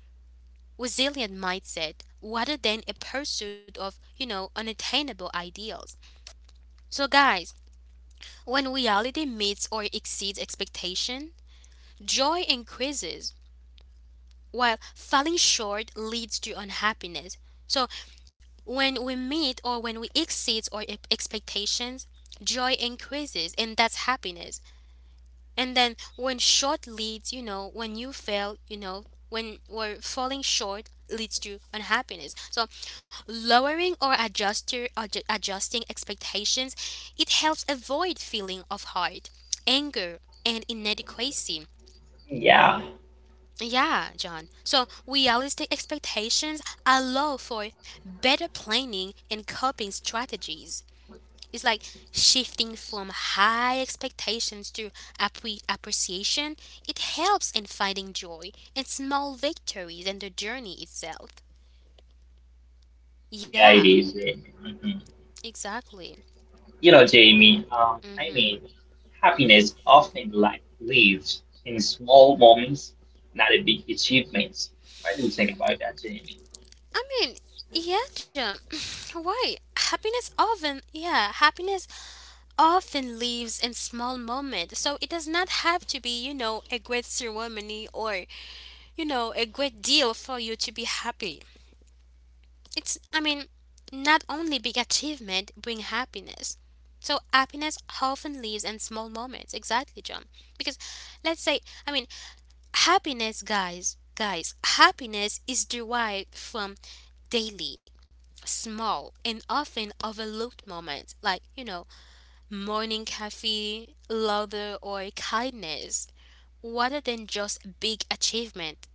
A: resilient mindset rather than a pursuit of, unattainable ideals. So guys, when reality meets or exceeds expectation, joy increases, while falling short leads to unhappiness. So when we meet or when we exceed our expectations, joy increases, and that's happiness. And then when short leads, when you fail, when we're falling short leads to unhappiness. So lowering or adjusting expectations, it helps avoid feeling of heart, anger, and inadequacy.
B: Yeah,
A: Yeah, John. So realistic expectations allow for better planning and coping strategies. It's like shifting from high expectations to appreciation. It helps in finding joy and small victories in the journey itself.
B: yeah,
A: Yeah,
B: it is. Mhm.
A: exactly.
B: Jamie, I mean,
A: hmm
B: happiness often like lives in small moments, not in big achievements. What do you think about that, Jamie?
A: I mean, yeah, John. [laughs] [sighs] Why? Happiness often, yeah, happiness often lives in small moments. So it does not have to be, a great ceremony or, a great deal for you to be happy. It's, I mean, not only big achievement bring happiness. So happiness often lives in small moments. Exactly, John. Because let's say, I mean, happiness, guys, happiness is derived from daily, small, and often overlooked moments like, you know, morning coffee, laughter, or kindness, rather than just big achievement.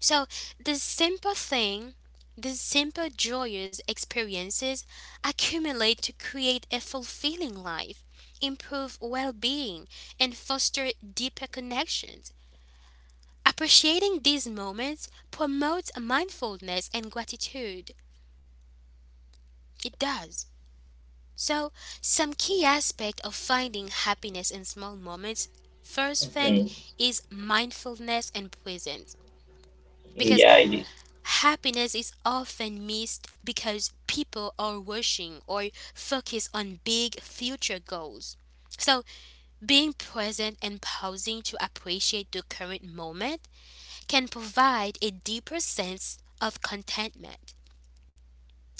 A: So the simple thing, the simple joyous experiences accumulate to create a fulfilling life, improve well being, and foster deeper connections. Appreciating these moments promotes mindfulness and gratitude. It does. So, some key aspect of finding happiness in small moments, first thing,
B: Hmm.
A: is mindfulness and presence, because
B: Yeah, it is.
A: happiness is often missed because people are rushing or focus on big future goals. So, being present and pausing to appreciate the current moment can provide a deeper sense of contentment.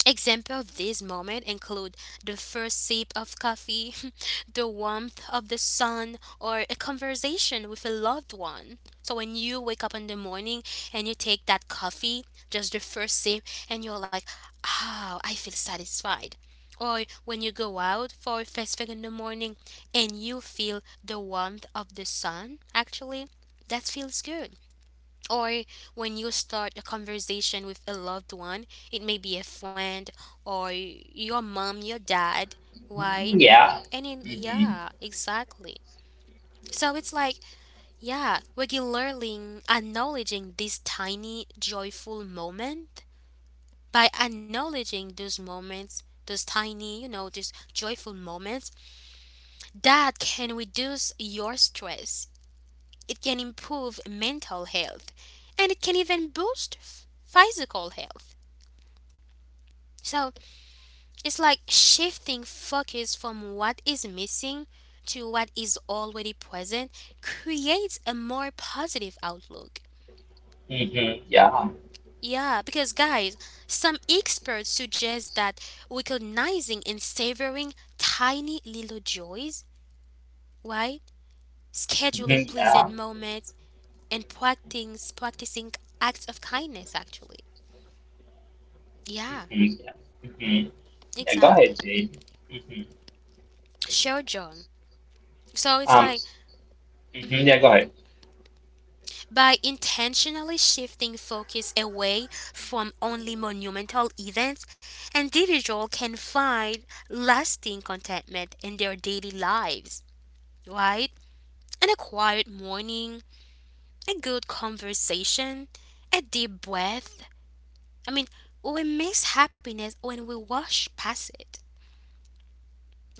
A: Example of this moment include the first sip of coffee, [laughs] the warmth of the sun, or a conversation with a loved one. So when you wake up in the morning and you take that coffee, just the first sip, and you're like, "Oh, I feel satisfied." Or when you go out for a first thing in the morning and you feel the warmth of the sun, actually, that feels good. Or when you start a conversation with a loved one, it may be a friend or your mom, your dad,
B: Mhm.
A: right?
B: Yeah.
A: And then,
B: Hmm. Hmm.
A: yeah, exactly. So it's like, yeah, regularly acknowledging this tiny joyful moment, by acknowledging those moments, those tiny, these joyful moments, that can reduce your stress. It can improve mental health, and it can even boost physical health. So it's like shifting focus from what is missing to what is already present creates a more positive outlook.
B: Yeah. Hmm. Yeah.
A: Yeah, because guys, some experts suggest that recognizing and savoring tiny little joys, right?
B: Hmm.
A: Scheduling pleasant
B: Yeah.
A: moments and practicing acts of kindness actually. Yeah,
B: Hmm. Yeah. Go
A: exactly.
B: ahead, Jamie. hmm
A: Sure, John. So it's
B: Um.
A: like
B: Mhm,
A: mhm.
B: yeah. Go ahead.
A: by intentionally shifting focus away from only monumental events, individuals can find lasting contentment in their daily lives, right? And a quiet morning, a good conversation, a deep breath. I mean, we miss happiness when we rush past it.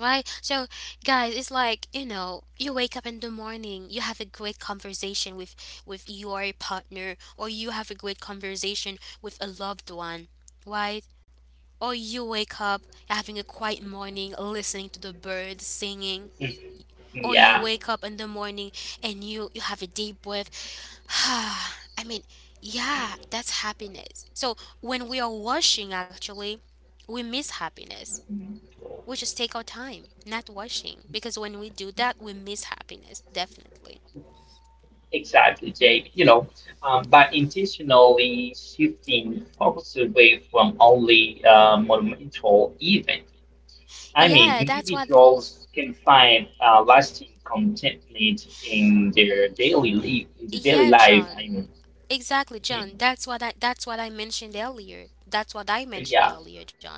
A: Right? So, guys, it's like, you know, you wake up in the morning, you have a great conversation with your partner, or you have a great conversation with a loved one, right? Or you wake up having a quiet morning listening to the birds singing,
B: Mhm,
A: or you
B: yeah.
A: wake up in the morning and you have a deep breath. [sighs] Ah, I mean, yeah, that's happiness. So, when we are washing actually, we miss happiness. We just take our time, not rushing, because when we do that we miss happiness definitely.
B: Exactly, Jake. By intentionally shifting focus away from only monumental event, I mean,
A: Yeah, that's what,
B: individuals can find lasting contentment in their daily life. In the daily
A: yeah,
B: life,
A: John,
B: I mean,
A: exactly, John,
B: mhm,
A: that's what I mentioned earlier. That's what I mentioned
B: yeah,
A: earlier, John.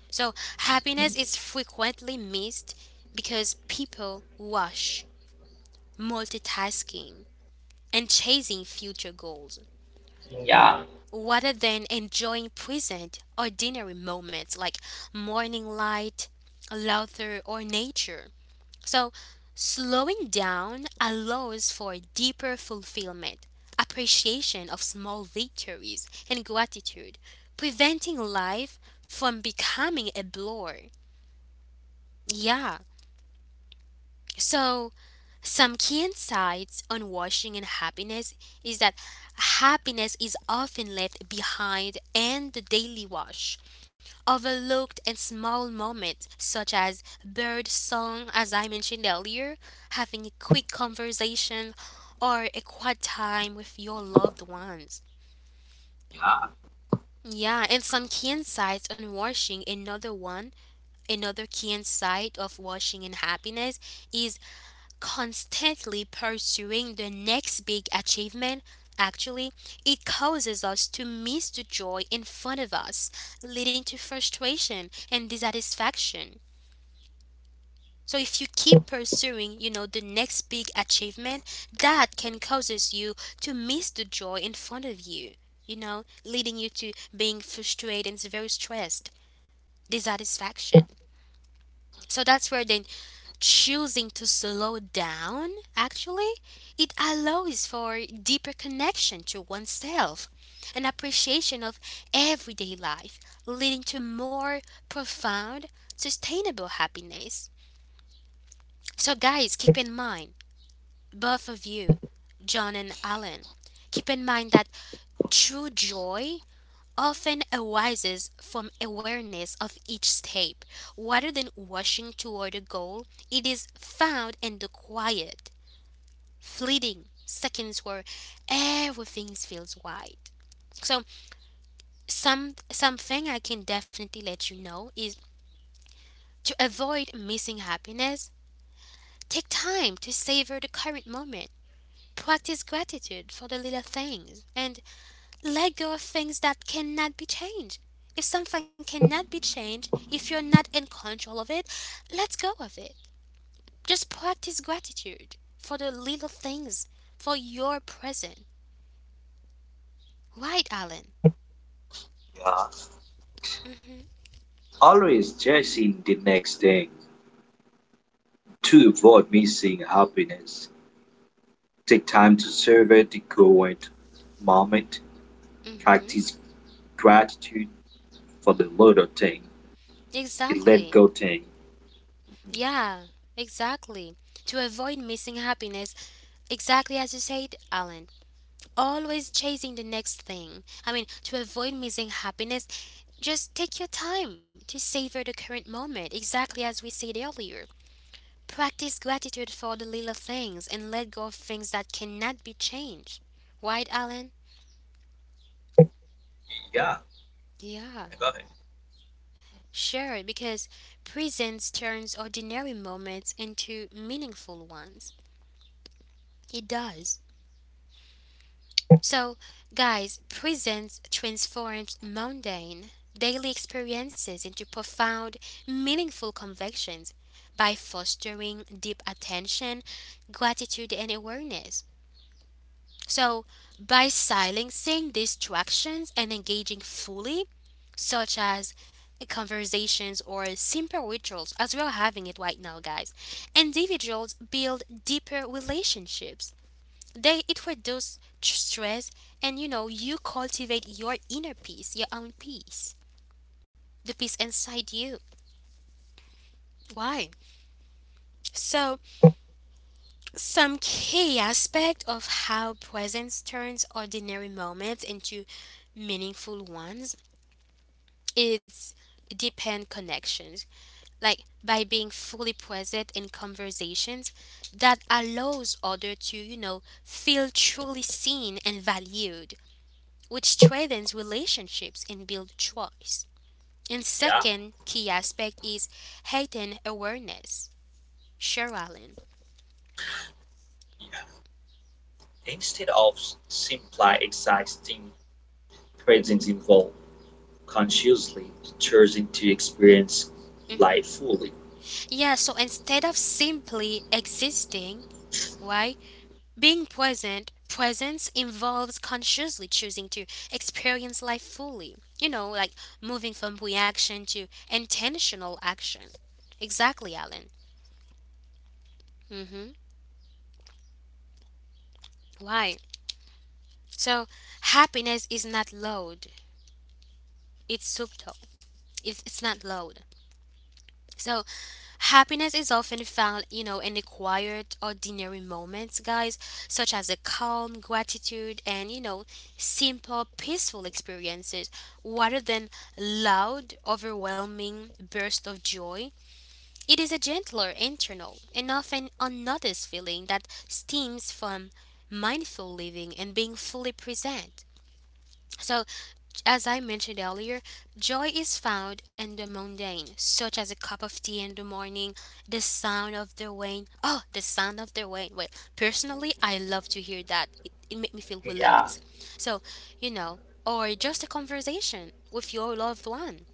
A: So happiness
B: mhm,
A: is frequently missed because people rush, multitasking and chasing future goals,
B: yeah,
A: rather than enjoying present ordinary moments like morning light, laughter, or nature. So, slowing down allows for deeper fulfillment, appreciation of small victories, and gratitude, preventing life from becoming a blur. Yeah. So, some key insights on washing and happiness is that happiness is often left behind in the daily wash, overlooked, and small moments such as bird song, as I mentioned earlier, having a quick conversation or a quiet time with your loved ones. Yeah, and some key insights on washing, another one, another key insight of washing and happiness is constantly pursuing the next big achievement. Actually, it causes us to miss the joy in front of us, leading to frustration and dissatisfaction. So if you keep pursuing, you know, the next big achievement, that can causes you to miss the joy in front of you, you know, leading you to being frustrated and very stressed, dissatisfaction. So that's where then choosing to slow down, actually, it allows for deeper connection to oneself, an appreciation of everyday life, leading to more profound, sustainable happiness. So guys, keep in mind, both of you, John and Alan, keep in mind that true joy often arises from awareness of each step. Rather than rushing toward a goal, it is found in the quiet, fleeting seconds where everything feels right. So, something I can definitely let you know is, to avoid missing happiness, take time to savor the current moment. Practice gratitude for the little things and let go of things that cannot be changed. If something cannot be changed, if you're not in control of it, let go of it. Just practice gratitude for the little things, for your present. Right, Alan?
C: Yeah. Always chasing the next thing to avoid missing happiness. Take time to savor the current moment.
A: Mm-hmm.
C: Practice gratitude for the little thing, the let go
A: Exactly.
C: thing.
A: Yeah, exactly. To avoid missing happiness, exactly as you said, Alan, always chasing the next thing. I mean, to avoid missing happiness, just take your time to savor the current moment, exactly as we said earlier. Practice gratitude for the little things and let go of things that cannot be changed. Right, Alan?
C: Yeah,
A: Yeah,
C: I got it.
A: sure, because presence turns ordinary moments into meaningful ones. It does. So, guys, presence transforms mundane daily experiences into profound, meaningful convictions by fostering deep attention, gratitude, and awareness. So, by silencing distractions and engaging fully, such as conversations or simple rituals, as we're having it right now, guys, individuals build deeper relationships, they it reduces stress, and you know, you cultivate your inner peace, your own peace, the peace inside you. Why? So some key aspect of how presence turns ordinary moments into meaningful ones is depend connections, like by being fully present in conversations that allows other to, you know, feel truly seen and valued, which strengthens relationships and build choice. And
C: Yeah.
A: second key aspect is heightened awareness. Sure, Alan.
C: yeah. Instead of simply existing presence involved consciously choosing to experience
A: hmm
C: life fully.
A: Yeah, so instead of simply existing, right, being present, presence involves consciously choosing to experience life fully. You know, like moving from reaction to intentional action. Exactly, Alan. hmm Why? So happiness is not loud; it's subtle. It's not loud. So happiness is often found, you know, in the quiet, ordinary moments, guys, such as a calm, gratitude, and you know, simple, peaceful experiences, rather than loud, overwhelming bursts of joy. It is a gentler, internal, and often unnoticed feeling that stems from mindful living and being fully present. So as I mentioned earlier, joy is found in the mundane, such as a cup of tea in the morning, the sound of the rain. Oh, the sound of the rain. Well, personally, I love to hear that. It makes me feel
B: yeah,
A: relaxed. So, you know, or just a conversation with your loved one.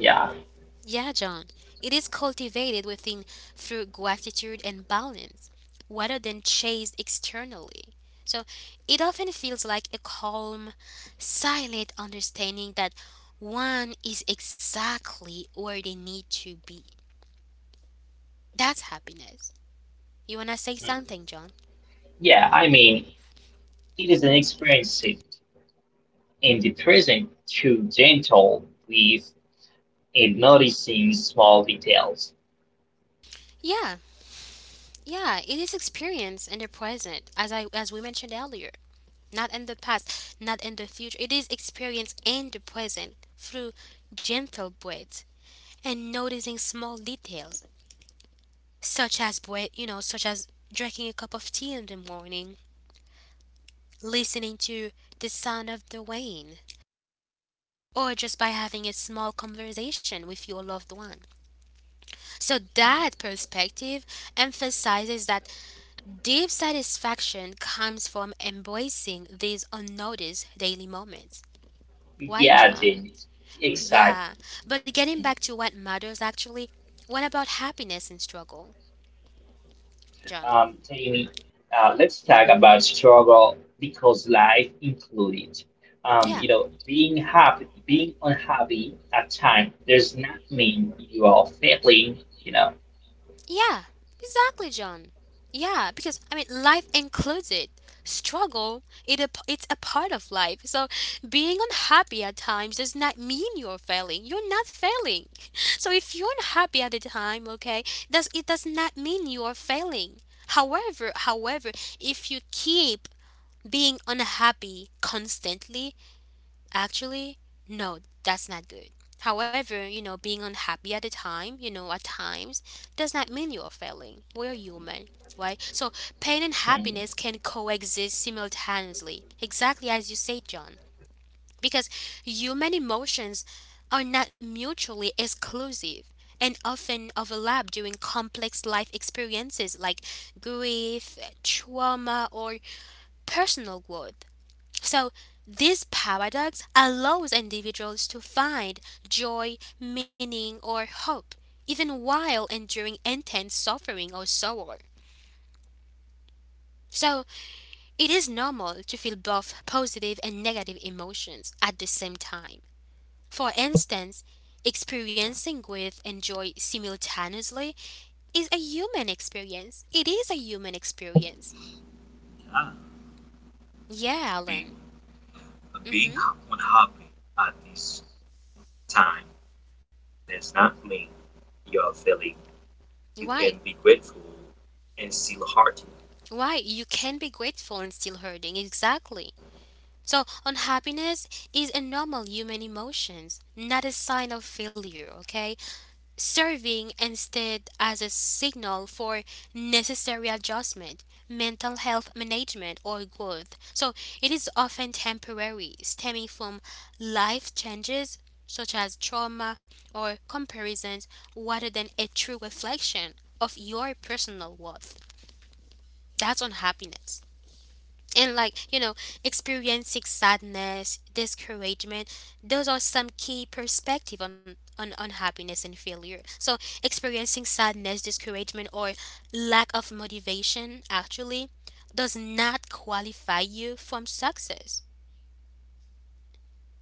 B: yeah,
A: Yeah, John. It is cultivated within through gratitude and balance, rather than chased externally. So it often feels like a calm, silent understanding that one is exactly where they need to be. That's happiness. You wanna say
B: mhm,
A: something, John?
B: yeah. I mean, it is an experience in the present, too gentle with and noticing small details.
A: Yeah, yeah, it is experience in the present, as I as we mentioned earlier. Not in the past, not in the future. It is experience in the present through gentle breaths and noticing small details, such as breath, you know, such as drinking a cup of tea in the morning, listening to the sound of the rain, or just by having a small conversation with your loved one. So that perspective emphasizes that deep satisfaction comes from embracing these unnoticed daily moments. Why,
B: Yeah,
A: John?
B: Jamie. Exactly.
A: Yeah, but getting back to what matters actually, what about happiness and struggle, John?
B: Jamie, let's talk about struggle because life included.
A: Yeah.
B: Being happy, being unhappy at time does not mean you are failing. You know.
A: Yeah, exactly, John. Yeah, because I mean, life includes it. Struggle, it's a part of life. So being unhappy at times does not mean you're failing. You're not failing. [laughs] So if you're unhappy at the time, okay, does not mean you are failing. However, however, if you keep being unhappy constantly, actually, no, that's not good. However, you know, being unhappy at the time, you know, at times, does not mean you're failing. We're human, right? So pain and
B: Hmm.
A: happiness can coexist simultaneously, exactly as you say, John, because human emotions are not mutually exclusive and often overlap during complex life experiences like grief, trauma, or personal growth. So this paradox allows individuals to find joy, meaning, or hope, even while enduring intense suffering or sorrow. So it is normal to feel both positive and negative emotions at the same time. For instance, experiencing grief and joy simultaneously is a human experience. It is a human experience.
C: Yeah,
A: Yeah,
C: being
A: Alan.
C: being
A: Mm-hmm.
C: unhappy at this time does not mean you're failing. You
A: Why?
C: can be grateful and still hurting
A: Why? You can be grateful and still hurting. Exactly. So, unhappiness is a normal human emotion, not a sign of failure, okay? Serving instead as a signal for necessary adjustment, mental health management, or growth. So, it is often temporary, stemming from life changes such as trauma or comparisons, rather than a true reflection of your personal worth. That's unhappiness. And like, you know, experiencing sadness, discouragement, those are some key perspective on on happiness and failure. So experiencing sadness, discouragement, or lack of motivation actually does not qualify you from success.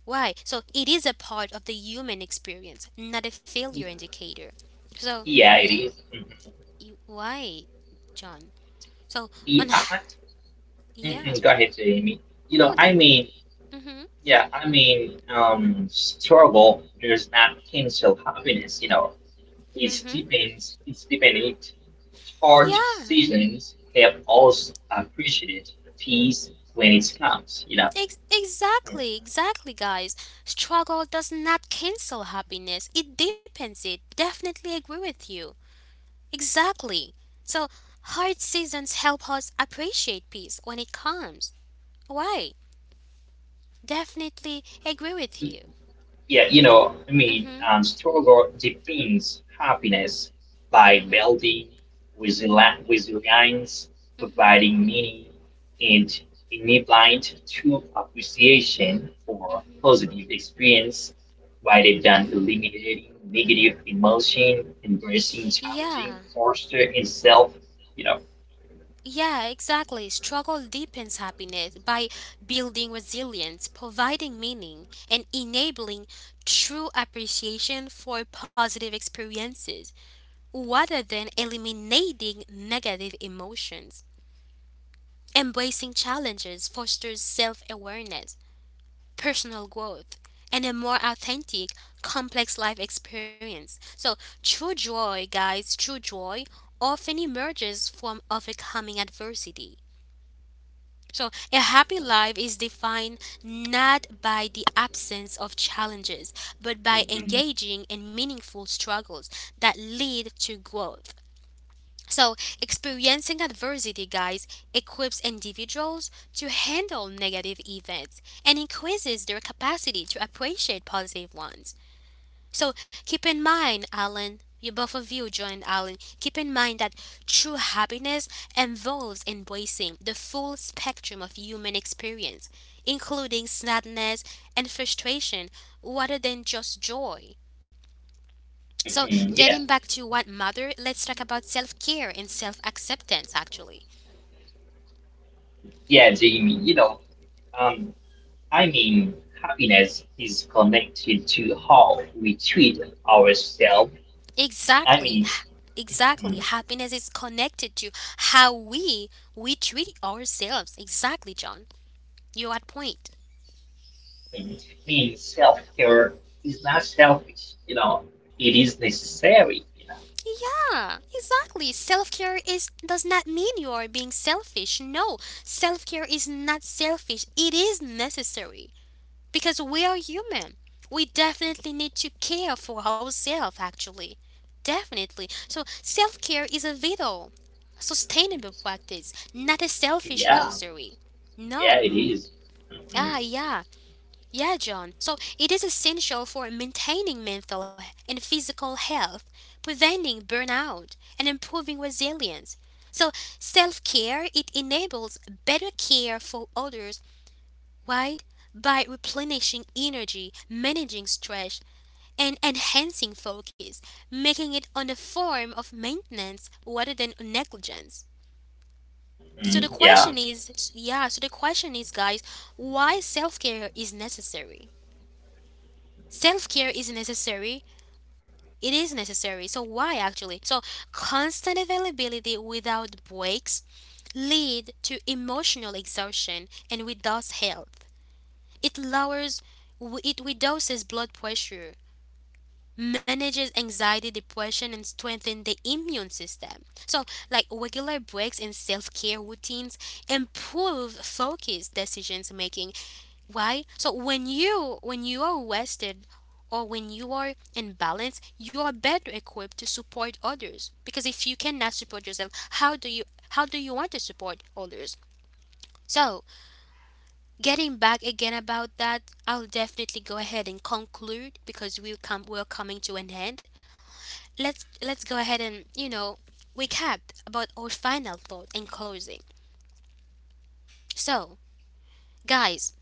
A: Why? So it is a part of the human experience, not a failure indicator. So
B: Yeah, it
A: yeah,
B: is. Mhm.
A: you, why, John, so
B: Yeah,
A: on.
B: I-
A: [sighs] Yeah.
B: mhm. Go ahead, Jamie.
A: no
B: I
A: that
B: mean,
A: Mm-hmm.
B: yeah, struggle does not cancel happiness.
A: Mm-hmm.
B: His stipend hard
A: Yeah.
B: seasons have also appreciated peace when it comes.
A: Ex- exactly, exactly, guys. Struggle does not cancel happiness, it deepens it. Definitely agree with you. Exactly. So, hard seasons help us appreciate peace when it comes. Why? Definitely agree with you.
B: Yeah, I
A: Mm
B: mean,
A: hmm,
B: struggle defines happiness by
A: mm hmm,
B: building resilience,
A: mm hmm,
B: providing meaning, and enabling true appreciation for positive experience rather than
A: mm hmm.
B: eliminating negative emotion, embracing
A: Yeah,
B: challenging posture and self, you know.
A: yeah, exactly. Struggle deepens happiness by building resilience, providing meaning, and enabling true appreciation for positive experiences rather than eliminating negative emotions. Embracing challenges fosters self awareness, personal growth, and a more authentic, complex life experience. So, true joy, guys, true joy often emerges from overcoming adversity. So, a happy life is defined not by the absence of challenges, but by
B: Hmm.
A: engaging in meaningful struggles that lead to growth. So, experiencing adversity, guys, equips individuals to handle negative events and increases their capacity to appreciate positive ones. So keep in mind, Alan, you both of you joined Alan. Keep in mind that true happiness involves embracing the full spectrum of human experience, including sadness and frustration, rather than just joy. So,
B: Hmm. Yeah,
A: getting back to what matter, let's talk about self care and self acceptance actually.
B: yeah, Jamie, um, I mean, happiness is connected to how we treat ourselves. I
A: Exactly.
B: mean,
A: Exactly.
B: mm,
A: Happiness is connected to how we treat ourselves. Exactly, John. You're at point.
B: it means self care is not selfish, it is necessary, you
A: Yeah, exactly. Self care is does not mean you are being selfish. No, self care is not selfish. It is necessary because we are human. We definitely need to care for ourselves. Actually, definitely. So self care is a vital, sustainable practice, not a
B: know.
A: selfish
B: Yeah,
A: luxury.
B: yeah,
A: No.
B: it is. Mhm,
A: Ah, yeah. Yeah, John. So it is essential for maintaining mental and physical health, preventing burnout, and improving resilience. So self-care, it enables better care for others, right? By replenishing energy, managing stress, and enhancing focus, making it on the form of maintenance rather than negligence. So the
B: mhm, yeah.
A: question is, yeah, so the question is, guys, why self-care is necessary? Self care is necessary. It is necessary. So why actually? So constant availability without breaks lead to emotional exhaustion and without health. It lowers it reduces blood pressure, manages anxiety, depression, and strengthens the immune system. So, like regular breaks and self-care routines improve focus, decisions making. Why? So when you are rested or when you are in balance, you are better equipped to support others. Because if you cannot support yourself, how do you how do you want to support others? So getting back again about that, I'll definitely go ahead and conclude because we're coming to an end. Let's go ahead and, you know, recap about our final thought in closing. So, guys,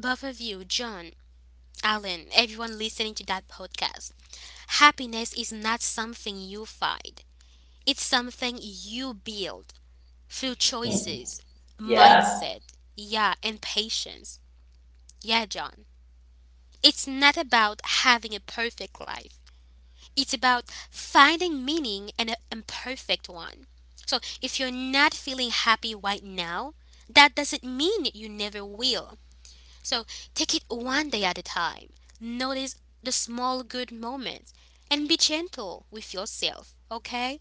A: both of you, John, Alan, everyone listening to that podcast, happiness is not something you find, it's something you build through
B: Mhm.
A: choices,
B: Yeah.
A: mindset, yeah, and patience. Yeah, John. It's not about having a perfect life, it's about finding meaning in an imperfect one. So if you're not feeling happy right now, that doesn't mean you never will. So take it one day at a time. Notice the small good moments and be gentle with yourself, okay?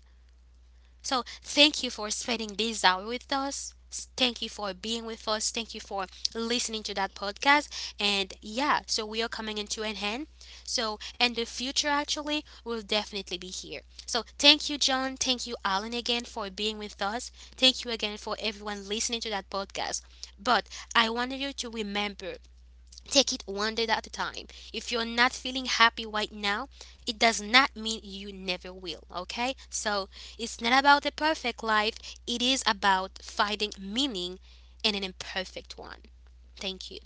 A: So thank you for spending this hour with us. Thank you for being with us. Thank you for listening to that podcast. And yeah, so we are coming into an end. So and the future actually will definitely be here. So thank you, John. Thank you, Alan, again for being with us. Thank you again for everyone listening to that podcast. But I wanted you to remember, take it one day at a time. If you're not feeling happy right now, it does not mean you never will, okay? So it's not about a perfect life, it is about finding meaning in an imperfect one. Thank you.